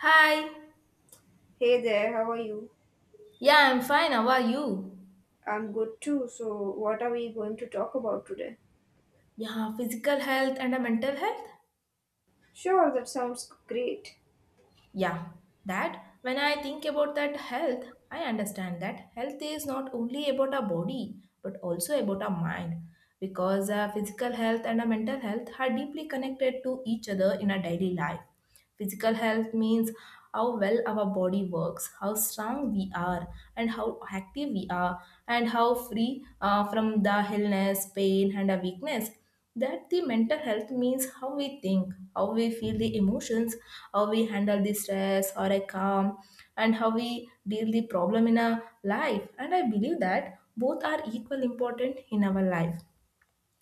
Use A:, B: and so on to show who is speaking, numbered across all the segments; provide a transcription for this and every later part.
A: Hi.
B: Hey there, how are you?
A: Yeah, I'm fine. How are you?
B: I'm good too. So, what are we going to talk about today?
A: Yeah, physical health and a mental health?
B: Sure, that sounds great.
A: Yeah, that. When I think about that health, I understand that health is not only about our body but also about our mind because physical health and our mental health are deeply connected to each other in our daily life. Physical health means how well our body works, how strong we are, and how active we are, and how free from the illness, pain, and a weakness. That the mental health means how we think, how we feel the emotions, how we handle the stress or a calm, and how we deal the problem in our life. And I believe that both are equal important in our life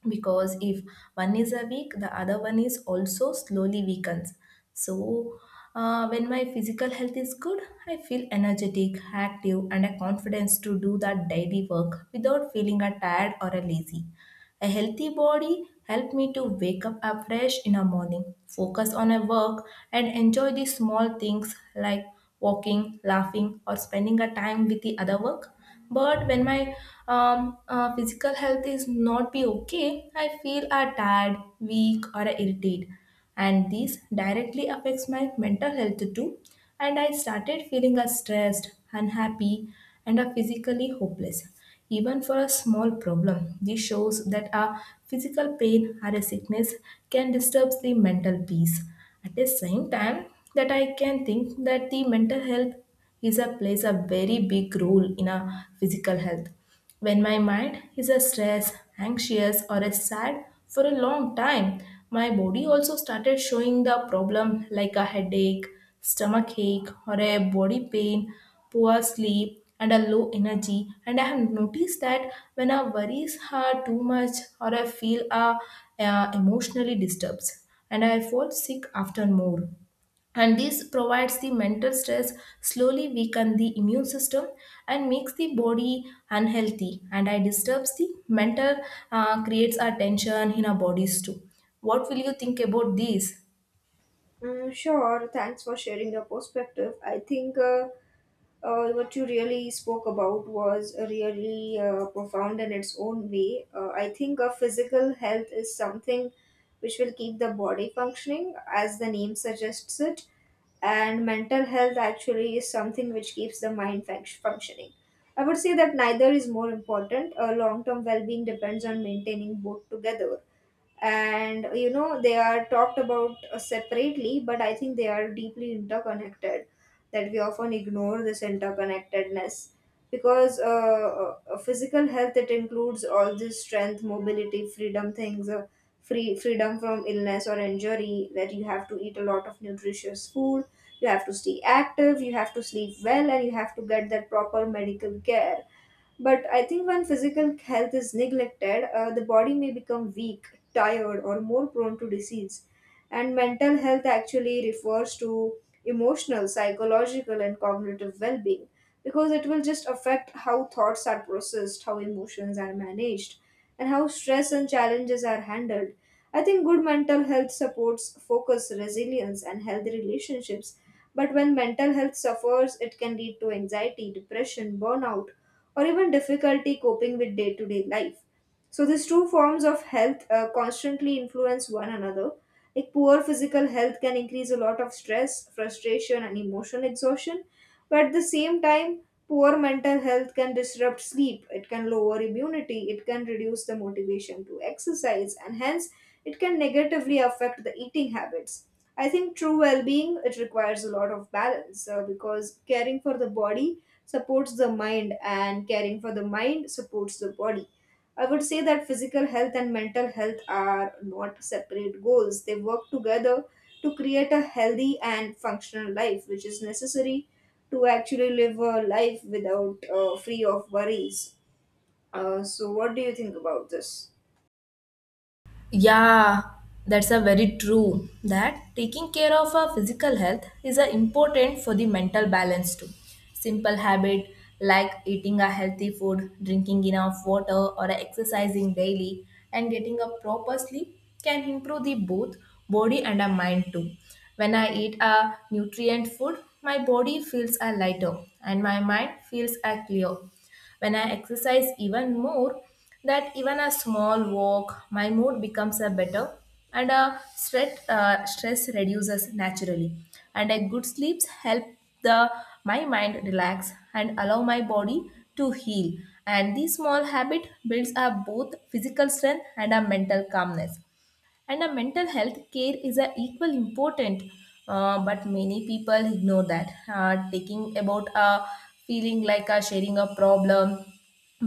A: because if one is a weak, the other one is also slowly weakens. So when my physical health is good, I feel energetic, active, and a confidence to do that daily work without feeling a tired or a lazy. A healthy body helps me to wake up afresh in the morning, focus on a work, and enjoy the small things like walking, laughing, or spending a time with the other work. But when my physical health is not be okay, I feel are tired, weak, or irritated, and this directly affects my mental health too. And I started feeling a stressed, unhappy, and a physically hopeless. Even for a small problem, this shows that a physical pain or a sickness can disturb the mental peace. At the same time, that I can think that the mental health is a plays a very big role in a physical health. When my mind is a stressed, anxious, or a sad for a long time, my body also started showing the problem like a headache, stomach ache, or a body pain, poor sleep, and a low energy. And I have noticed that when our worries are too much or I feel emotionally disturbed, and I fall sick after more and this provides the mental stress slowly weaken the immune system and makes the body unhealthy and I disturbs the mental creates a tension in our bodies too. What will you think about this?
B: Mm, sure, thanks for sharing your perspective. I think what you really spoke about was really profound in its own way. I think physical health is something which will keep the body functioning, as the name suggests it, and mental health actually is something which keeps the mind functioning. I would say that neither is more important. Long term well being depends on maintaining both together, and you know, they are talked about separately, but I think they are deeply interconnected, that we often ignore this interconnectedness, because physical health, it includes all this strength, mobility, freedom things, freedom from illness or injury, that you have to eat a lot of nutritious food, you have to stay active, you have to sleep well, and you have to get that proper medical care. But I think when physical health is neglected, the body may become weak, tired, or more prone to disease. And mental health actually refers to emotional, psychological, and cognitive well being, because it will just affect how thoughts are processed, how emotions are managed, and how stress and challenges are handled. I think good mental health supports focus, resilience, and healthy relationships. But when mental health suffers, it can lead to anxiety, depression, burnout, or even difficulty coping with day to day life. So these two forms of health constantly influence one another. Like poor physical health can increase a lot of stress, frustration, and emotional exhaustion. But at the same time, poor mental health can disrupt sleep. It can lower immunity. It can reduce the motivation to exercise, and hence it can negatively affect the eating habits. I think true well-being, it requires a lot of balance, because caring for the body supports the mind, and caring for the mind supports the body. I would say that physical health and mental health are not separate goals. They work together to create a healthy and functional life, which is necessary to actually live a life without, free of worries. So, what do you think about this?
A: Yeah, that's a very true that taking care of our physical health is a important for the mental balance too. Simple habit like eating a healthy food, drinking enough water or exercising daily and getting a proper sleep can improve the both body and a mind too. When I eat a nutrient food, my body feels a lighter and my mind feels a clear. When I exercise even more, that even a small walk, my mood becomes a better and a stress reduces naturally. And a good sleeps help the my mind relax and allow my body to heal. And this small habit builds up both physical strength and a mental calmness and a mental health care is a equal important. But many people ignore that taking about a feeling like a sharing a problem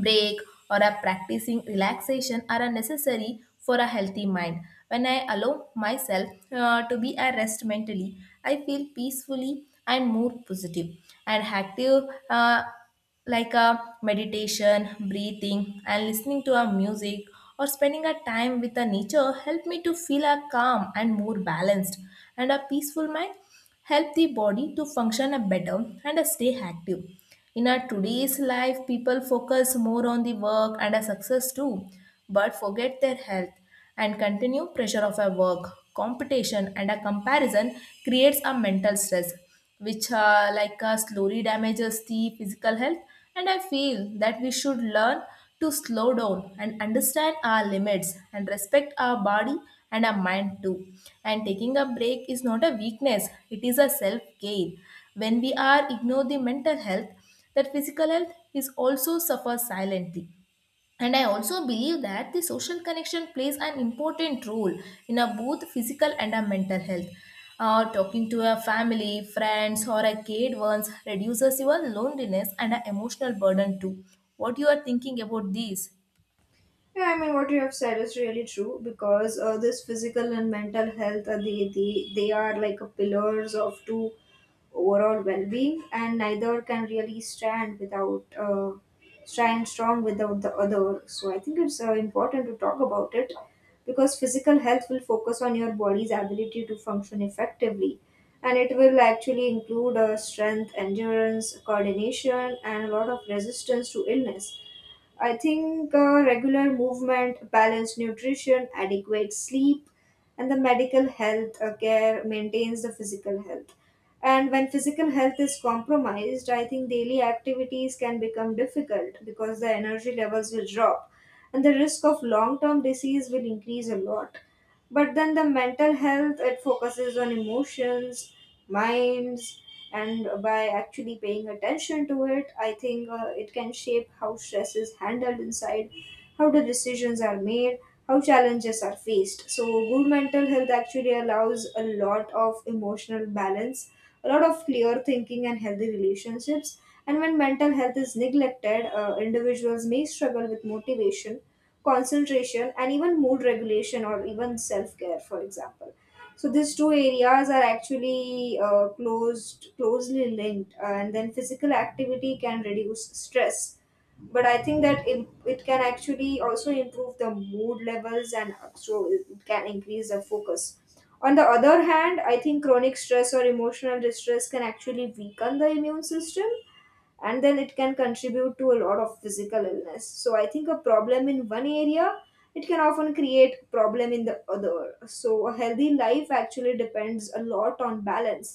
A: break or a practicing relaxation are a necessary for a healthy mind. When I allow myself to be at rest mentally, I feel peacefully and more positive and active. uh, like a meditation, breathing, and listening to a music or spending a time with the nature help me to feel a calm and more balanced and a peaceful mind help the body to function a better and a stay active. In our today's life, people focus more on the work and a success too, but forget their health and continue pressure of a work, competition, and a comparison creates a mental stress which slowly damages the physical health. And I feel that we should learn to slow down and understand our limits and respect our body and our mind too. And taking a break is not a weakness, it is a self care. When we are ignore the mental health, that physical health is also suffer silently and I also believe that the social connection plays an important role in a both physical and a mental health. Talking to a family friends or a kid once reduces your loneliness and a emotional burden too. What you are thinking about these?
B: Yeah, I mean, what you have said is really true, because this physical and mental health, they are like pillars of two overall well-being, and neither can really stand strong without the other, so I think it's important to talk about it, because physical health will focus on your body's ability to function effectively, and it will actually include strength, endurance, coordination, and a lot of resistance to illness. I think regular movement, balanced nutrition, adequate sleep, and the medical health care maintains the physical health. And when physical health is compromised, I think daily activities can become difficult, because the energy levels will drop and the risk of long term disease will increase a lot. But then the mental health, it focuses on emotions, minds, and by actually paying attention to it, I think it can shape how stress is handled inside, how the decisions are made, how challenges are faced. So good mental health actually allows a lot of emotional balance, a lot of clear thinking, and healthy relationships. And when mental health is neglected, individuals may struggle with motivation, concentration, and even mood regulation or even self-care, for example. So these two areas are actually closed closely linked, and then physical activity can reduce stress, but I think that it can actually also improve the mood levels, and so it can increase the focus. On the other hand, I think chronic stress or emotional distress can actually weaken the immune system, and then it can contribute to a lot of physical illness. So I think a problem in one area, it can often create problem in the other. So a healthy life actually depends a lot on balance,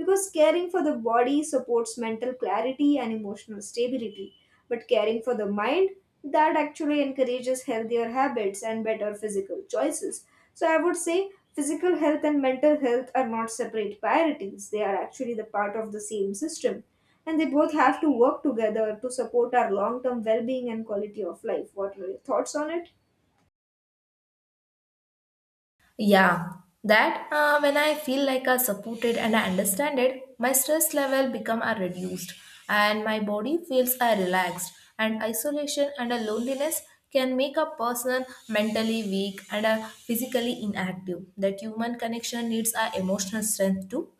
B: because caring for the body supports mental clarity and emotional stability, but caring for the mind, that actually encourages healthier habits and better physical choices. So I would say physical health and mental health are not separate priorities. They are actually the part of the same system, and they both have to work together to support our long-term well-being and quality of life. What are your thoughts on it?
A: Yeah, that when I feel like I supported and I understand it, my stress level become a reduced and my body feels a relaxed and isolation and a loneliness can make a person mentally weak and a physically inactive. That human connection needs a emotional strength too,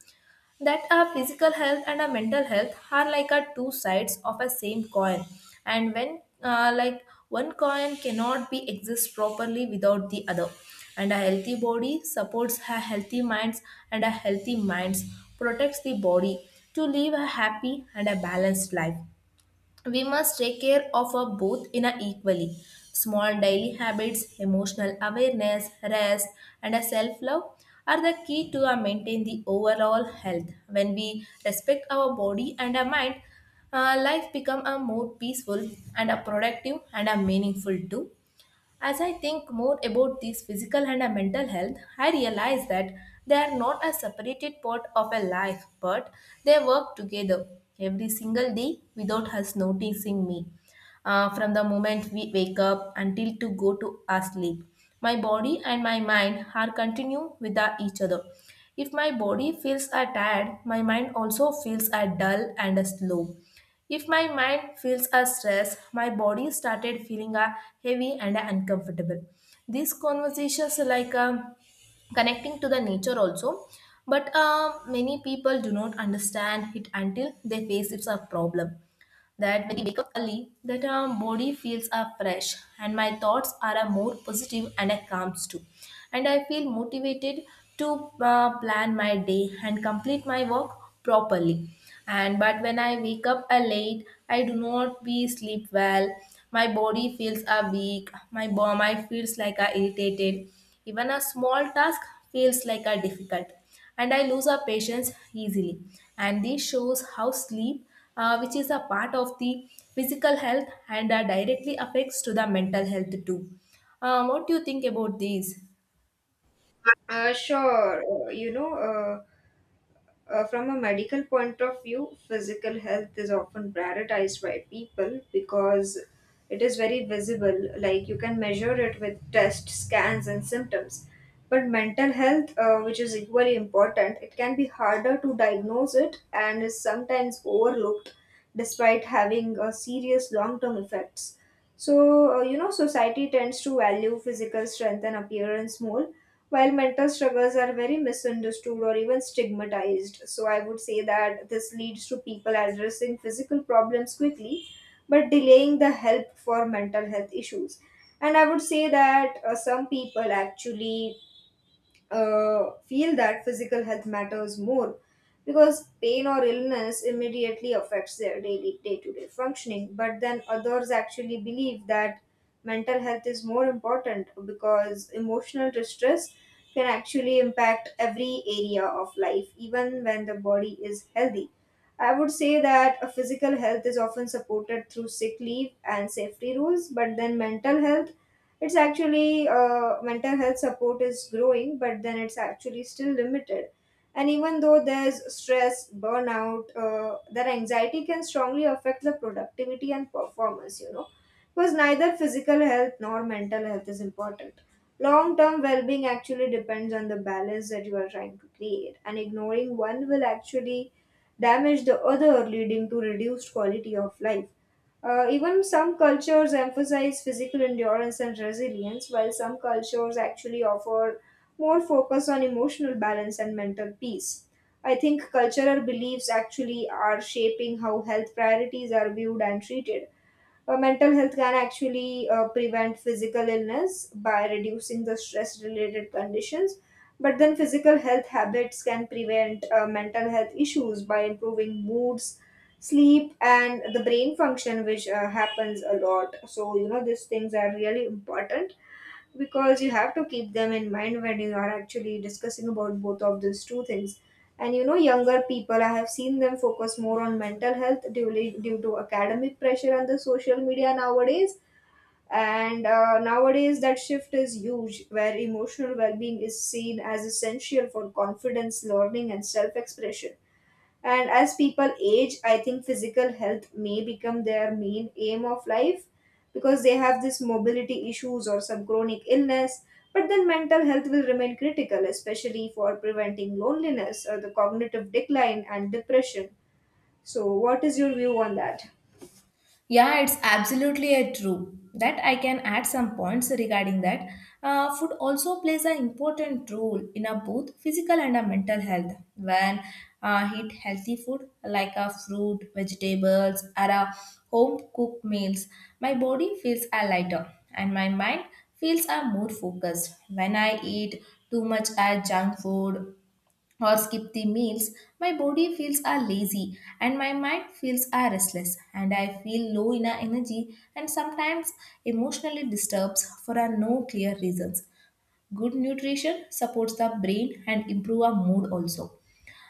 A: that our physical health and our mental health are like our two sides of a same coin and when one coin cannot be exist properly without the other and a healthy body supports a healthy minds and a healthy minds protects the body. To live a happy and a balanced life we must take care of our both in a equally. Small daily habits, emotional awareness, rest, and a self-love are the key to maintain the overall health. When we respect our body and our mind, life become a more peaceful and a productive and a meaningful too. As I think more about these physical and mental health, I realize that they are not a separated part of a life, but they work together every single day without us noticing me. From the moment we wake up until to go to our sleep, my body and my mind are continue with each other. If my body feels tired, my mind also feels dull and slow. If my mind feels a stress, my body started feeling a heavy and a uncomfortable. These conversations like connecting to the nature also, but many people do not understand it until they face it's a problem. That when we wake up early, that our body feels are fresh and my thoughts are a more positive and a calms too. And I feel motivated to plan my day and complete my work properly. And but when I wake up late, I do not be sleep well. My body feels a weak. My feels like a irritated. Even a small task feels like a difficult and I lose our patience easily. And this shows how sleep, which is a part of the physical health and directly affects to the mental health too. What do you think about these?
B: Sure. From a medical point of view, physical health is often prioritized by people because it is very visible. Like you can measure it with tests, scans, and symptoms. But mental health, which is equally important, it can be harder to diagnose it and is sometimes overlooked, despite having serious long term effects. So, society tends to value physical strength and appearance more, while mental struggles are very misunderstood or even stigmatized. So, I would say that this leads to people addressing physical problems quickly, but delaying the help for mental health issues. And I would say that some people actually feel that physical health matters more, because pain or illness immediately affects their daily day-to-day functioning. But then others actually believe that mental health is more important, because emotional distress can actually impact every area of life, even when the body is healthy. I would say that a physical health is often supported through sick leave and safety rules, but then mental health support is growing, but then it's actually still limited. And even though there's stress, burnout, that anxiety can strongly affect the productivity and performance, because neither physical health nor mental health is important. Long term well being actually depends on the balance that you are trying to create, and ignoring one will actually damage the other, leading to reduced quality of life. Even some cultures emphasize physical endurance and resilience, while some cultures actually offer more focus on emotional balance and mental peace. I think cultural beliefs actually are shaping how health priorities are viewed and treated. Mental health can actually prevent physical illness by reducing the stress related conditions, but then physical health habits can prevent mental health issues by improving moods, sleep, and the brain function, which happens a lot. So you know, these things are really important, because you have to keep them in mind when you are actually discussing about both of these two things. And you know, younger people, I have seen them focus more on mental health due to academic pressure and the social media nowadays. And nowadays, that shift is huge, where emotional well-being is seen as essential for confidence, learning, and self-expression. And as people age, I think physical health may become their main aim of life, because they have this mobility issues or some chronic illness. But then mental health will remain critical, especially for preventing loneliness or the cognitive decline and depression. So, what is your view on that?
A: Yeah, it's absolutely a true. That I can add some points regarding that. Food also plays an important role in a both physical and a mental health. When eat healthy food like a fruit, vegetables, or a home cooked meals, my body feels a lighter and my mind feels a more focused. When I eat too much a junk food or skip the meals, my body feels are lazy and my mind feels are restless and I feel low in our energy and sometimes emotionally disturbs for a no clear reasons. Good nutrition supports the brain and improve our mood also.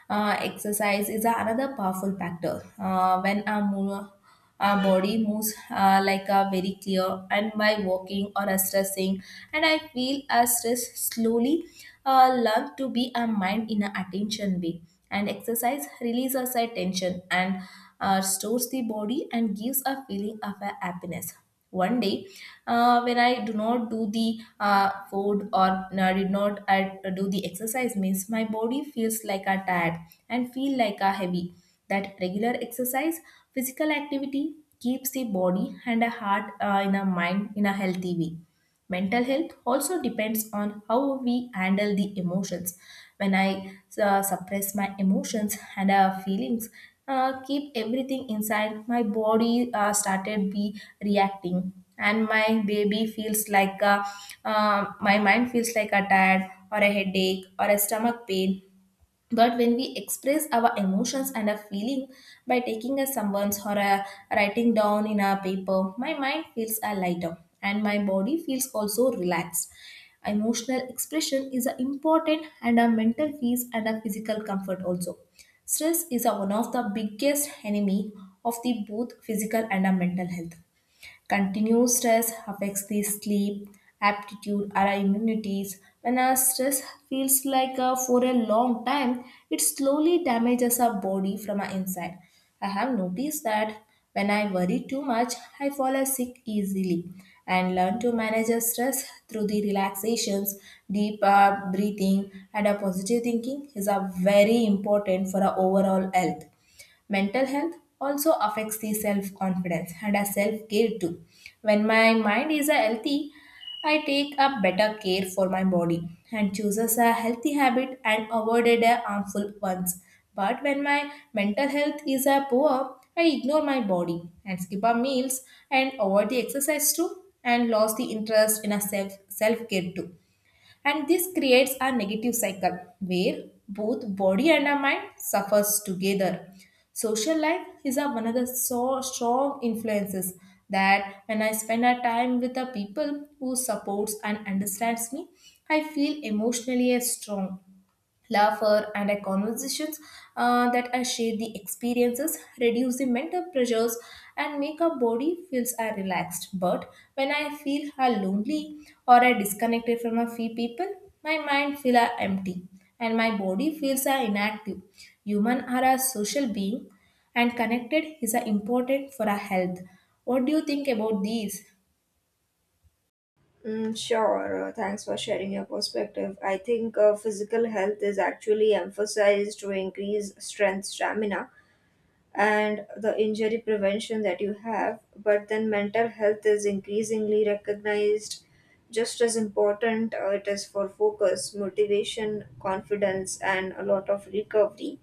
A: Exercise is another powerful factor. When our body moves like a very clear, and by walking or a stressing, and I feel a stress slowly learn to be a mind in a attention way. And exercise releases our tension and restores the body and gives a feeling of a happiness. One day, when I do not do the food or I did not I do the exercise, means my body feels like a tired and feel like a heavy. That regular exercise, physical activity keeps the body and a heart in a mind in a healthy way. Mental health also depends on how we handle the emotions. When I suppress my emotions and feelings, keep everything inside, my body started be reacting, and my baby feels like a, my mind feels like a tired or a headache or a stomach pain. But when we express our emotions and a feeling by taking a someone's or a writing down in a paper, my mind feels a lighter and my body feels also relaxed. Emotional expression is a important and a mental peace and a physical comfort also. Stress is a one of the biggest enemy of the both physical and a mental health. Continuous stress affects the sleep, aptitude, our immunities. When our stress feels like for a long time, it slowly damages our body from our inside. I have noticed that when I worry too much, I fall a sick easily and learn to manage the stress through the relaxations, deep breathing, and a positive thinking is a very important for our overall health. Mental health also affects the self confidence and a self care too. When my mind is a healthy, I take a better care for my body and chooses a healthy habit and avoided a harmful ones. But when my mental health is a poor, I ignore my body and skip our meals and avoid the exercise too and lost the interest in a self care too, and this creates a negative cycle where both body and our mind suffers together. Social life is a, one of the so strong influences that when I spend a time with the people who supports and understands me, I feel emotionally as strong. Laughter and our conversations, that I share the experiences, reduce the mental pressures, and make our body feels are relaxed. But when I feel are lonely or I disconnected from a few people, my mind feel are empty and my body feels are inactive. Human are a social being and connected is a important for our health. What do you think about these?
B: Mm, sure. Thanks for sharing your perspective. I think physical health is actually emphasized to increase strength, stamina, and the injury prevention that you have. But then mental health is increasingly recognized just as important, it is for focus, motivation, confidence, and a lot of recovery.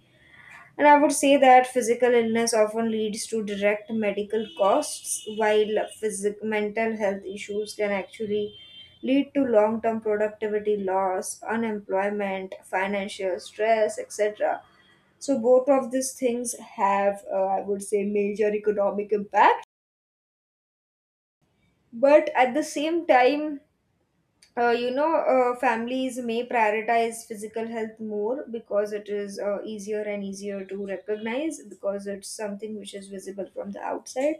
B: And I would say that physical illness often leads to direct medical costs, while mental health issues can actually lead to long term productivity loss, unemployment, financial stress, etc. So both of these things have, I would say, major economic impact. But at the same time, families may prioritize physical health more, because it is easier and easier to recognize, because it's something which is visible from the outside.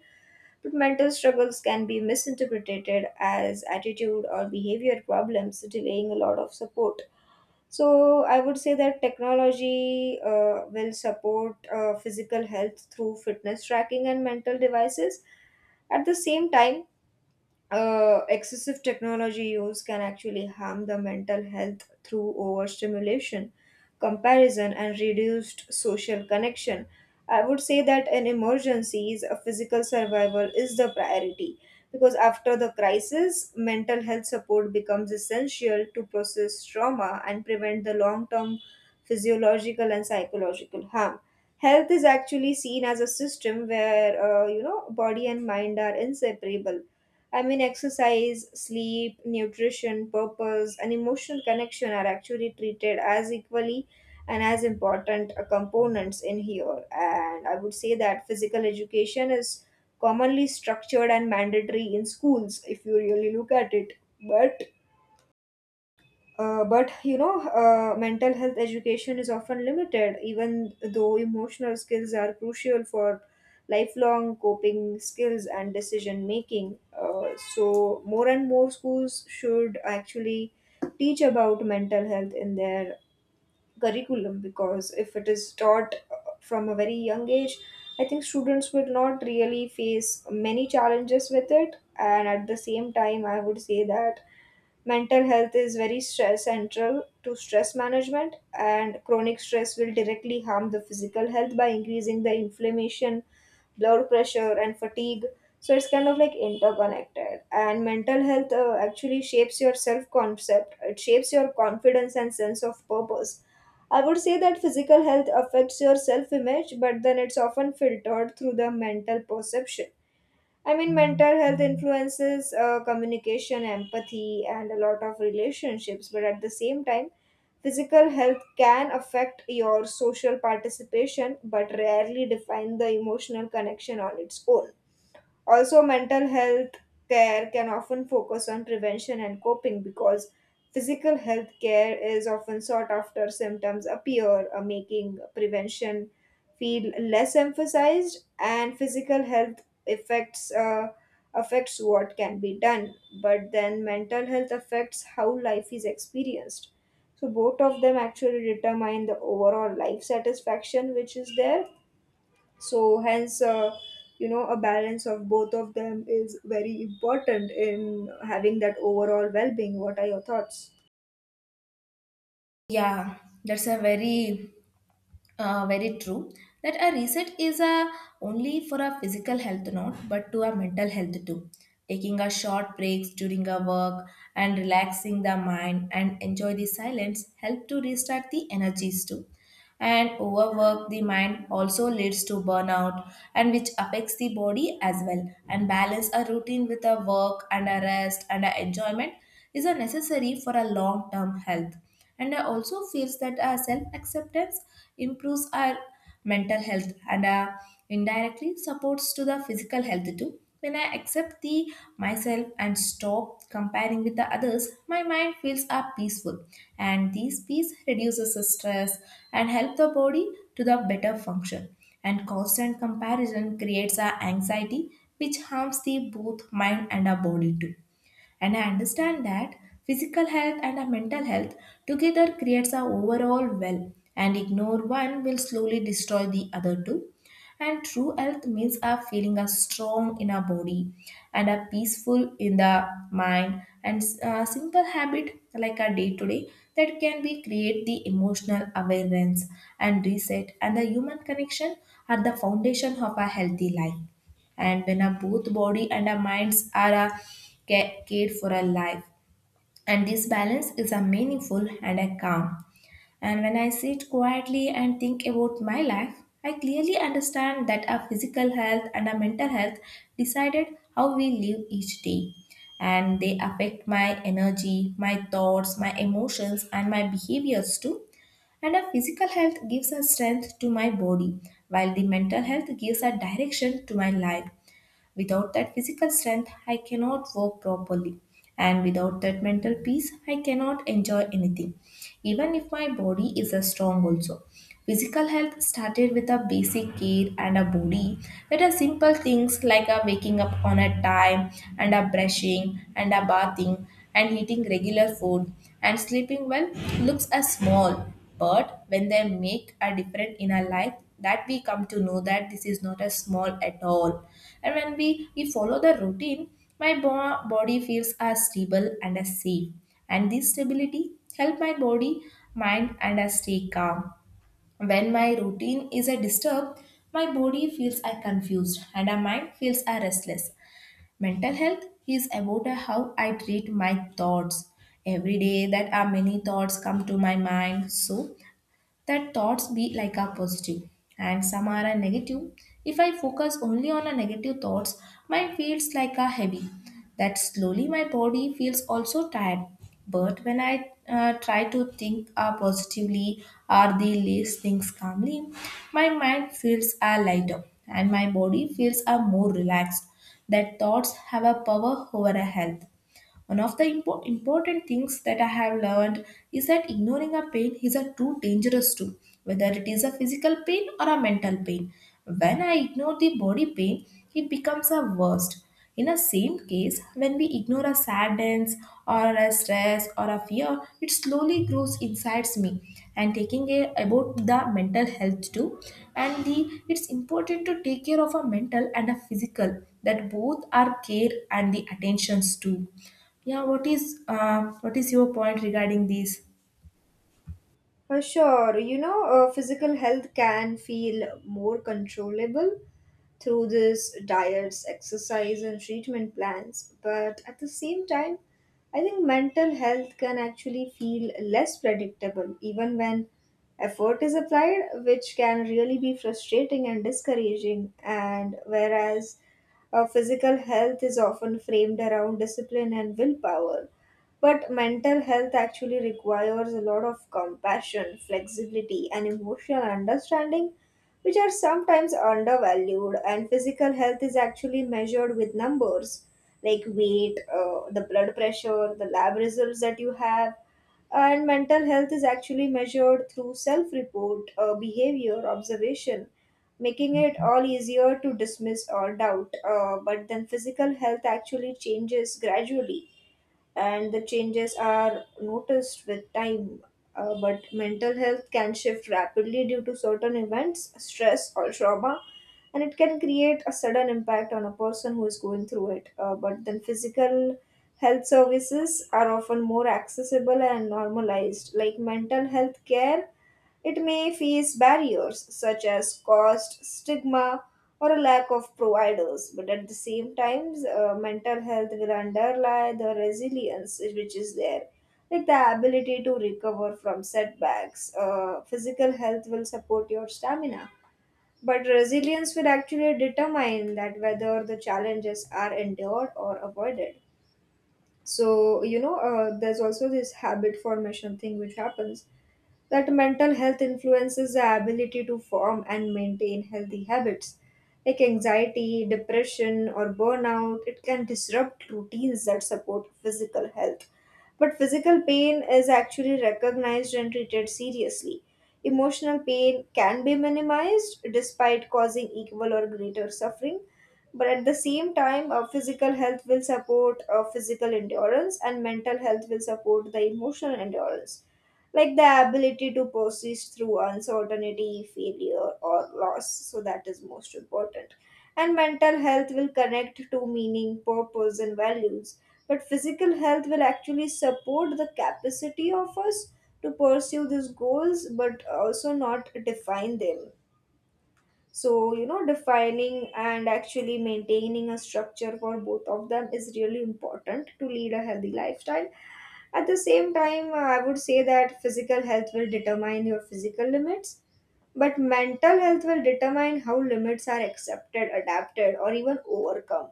B: But mental struggles can be misinterpreted as attitude or behavior problems, delaying a lot of support. So I would say that technology will support physical health through fitness tracking and mental devices. At the same time, excessive technology use can actually harm the mental health through overstimulation, comparison, and reduced social connection. I would say that in emergencies, a physical survival is the priority, because after the crisis, mental health support becomes essential to process trauma and prevent the long term physiological and psychological harm. Health is actually seen as a system where body and mind are inseparable. I mean, exercise, sleep, nutrition, purpose, and emotional connection are actually treated as equally and as important components in here. And I would say that physical education is commonly structured and mandatory in schools if you really look at it. But but mental health education is often limited, even though emotional skills are crucial for lifelong coping skills and decision making. So more and more schools should actually teach about mental health in their curriculum because if it is taught from a very young age, I think students will not really face many challenges with it. And at the same time, I would say that mental health is very stress central to stress management, and chronic stress will directly harm the physical health by increasing the inflammation, blood pressure, and fatigue. So it's kind of like interconnected. And mental health actually shapes your self concept, it shapes your confidence and sense of purpose. I would say that physical health affects your self image, but then it's often filtered through the mental perception. I mean, mental health influences communication, empathy, and a lot of relationships, but at the same time, physical health can affect your social participation but rarely define the emotional connection on its own. Also, mental health care can often focus on prevention and coping because physical health care is often sought after symptoms appear, making prevention feel less emphasized, and physical health affects uh, affects what can be done, but then mental health affects how life is experienced. So both of them actually determine the overall life satisfaction which is there so, hence, you know, a balance of both of them is very important in having that overall well being. What are your thoughts?
A: Yeah, that's a very very true that a reset is a only for a physical health not but to a mental health too. Taking a short breaks during a work and relaxing the mind and enjoy the silence help to restart the energies too, and overwork the mind also leads to burnout and which affects the body as well, and balance a routine with a work and a rest and a enjoyment is a necessary for a long term health. And I also feels that our self acceptance improves our mental health and indirectly supports to the physical health too. When I accept the myself and stop comparing with the others, my mind feels are peaceful and this peace reduces the stress and help the body to the better function. And constant comparison creates a anxiety which harms the both mind and our body too. And I understand that physical health and our mental health together creates our overall well, and ignore one will slowly destroy the other two. And true health means our feeling are strong in our body and are peaceful in the mind, and a simple habit like our day to day that can be create the emotional awareness and reset and the human connection are the foundation of a healthy life. And when our both body and our minds are cared for our life, and this balance is a meaningful and a calm. And when I sit quietly and think about my life, I clearly understand that our physical health and our mental health decided how we live each day, and they affect my energy, my thoughts, my emotions, and my behaviors too. And our physical health gives a strength to my body, while the mental health gives a direction to my life. Without that physical strength, I cannot work properly. And without that mental peace, I cannot enjoy anything, even if my body is strong also. Physical health started with a basic care and a body, that are simple things like a waking up on a time and a brushing and a bathing and eating regular food and sleeping well looks as small, but when they make a difference in our life, that we come to know that this is not as small at all. And when we follow the routine, my body feels as stable and as safe, and this stability help my body mind and I stay calm. When my routine is a disturbed, my body feels I confused and my mind feels I restless. Mental health is about how I treat my thoughts. Every day that are many thoughts come to my mind. So that thoughts be like a positive and some are a negative. If I focus only on a negative thoughts, my feels like a heavy, that slowly my body feels also tired. But when I try to think positively or the least things calmly, my mind feels are lighter and my body feels are more relaxed, that thoughts have a power over a health. One of the important things that I have learned is that ignoring a pain is a too dangerous too, whether it is a physical pain or a mental pain. When I ignore the body pain, it becomes a worst. In a same case, when we ignore a sadness or a stress or a fear, it slowly grows inside me. And taking care about the mental health too, and the it's important to take care of a mental and a physical that both are care and the attentions too. Yeah, what is your point regarding this?
B: Sure, you know, physical health can feel more controllable through this diets, exercise, and treatment plans. But at the same time, I think mental health can actually feel less predictable even when effort is applied, which can really be frustrating and discouraging. And whereas physical health is often framed around discipline and willpower. But mental health actually requires a lot of compassion, flexibility, and emotional understanding, which are sometimes undervalued. And physical health is actually measured with numbers like weight, the blood pressure, the lab results that you have. And mental health is actually measured through self report, behavior, observation, making it all easier to dismiss or doubt. But then physical health actually changes gradually and the changes are noticed with time. But mental health can shift rapidly due to certain events, stress, or trauma, and it can create a sudden impact on a person who is going through it. But then physical health services are often more accessible and normalized, like mental health care it may face barriers such as cost, stigma, or a lack of providers, but at the same time, mental health will underlie the resilience which is there. Like the ability to recover from setbacks, physical health will support your stamina, but resilience will actually determine that whether the challenges are endured or avoided. So, you know, there's also this habit formation thing which happens that mental health influences the ability to form and maintain healthy habits like anxiety, depression, or burnout. It can disrupt routines that support physical health. But physical pain is actually recognized and treated seriously. Emotional pain can be minimized despite causing equal or greater suffering. But at the same time, physical health will support physical endurance, and mental health will support the emotional endurance like the ability to persist through uncertainty, failure, or loss. So that is most important. And mental health will connect to meaning, purpose, and values. But physical health will actually support the capacity of us to pursue these goals, but also not define them. So, you know, defining and actually maintaining a structure for both of them is really important to lead a healthy lifestyle at the same time, I would say that physical health will determine your physical limits, but mental health will determine how limits are accepted, adapted, or even overcome.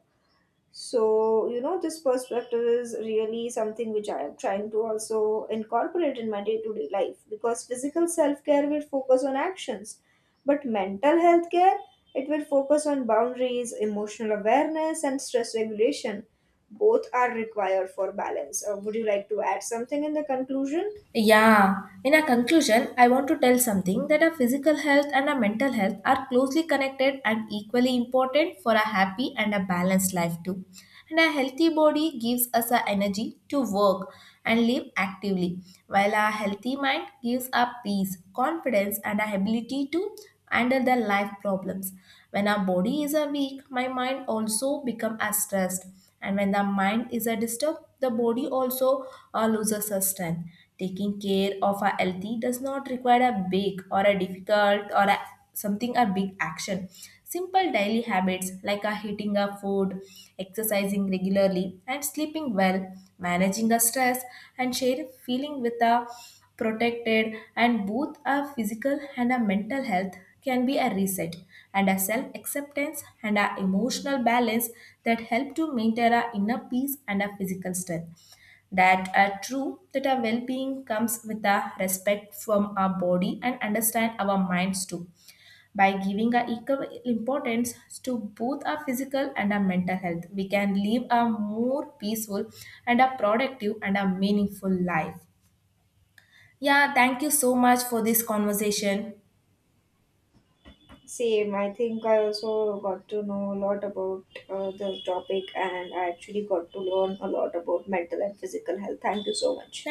B: So, you know, this perspective is really something which I am trying to also incorporate in my day to day life because physical self care will focus on actions, but mental health care it will focus on boundaries, emotional awareness, and stress regulation. Both are required for balance. Would you like to add something in the conclusion?
A: Yeah, in a conclusion, I want to tell something that our physical health and our mental health are closely connected and equally important for a happy and a balanced life too. And a healthy body gives us the energy to work and live actively, while a healthy mind gives us peace, confidence, and our ability to handle the life problems. When our body is a weak, my mind also become as stressed. And when the mind is a disturbed, the body also loses its strength. Taking care of our healthy does not require a big or a difficult or a, something a big action. Simple daily habits like a eating a food, exercising regularly, and sleeping well, managing the stress, and share feeling with a protected and both our physical and our mental health can be a reset and a self acceptance and a emotional balance that help to maintain our inner peace and our physical strength, that are true that our well-being comes with a respect from our body and understand our minds too. By giving a equal importance to both our physical and our mental health, we can live a more peaceful and a productive and a meaningful life. Yeah, thank you so much for this conversation.
B: Same, I think I also got to know a lot about the topic and I actually got to learn a lot about mental and physical health. Thank you so much.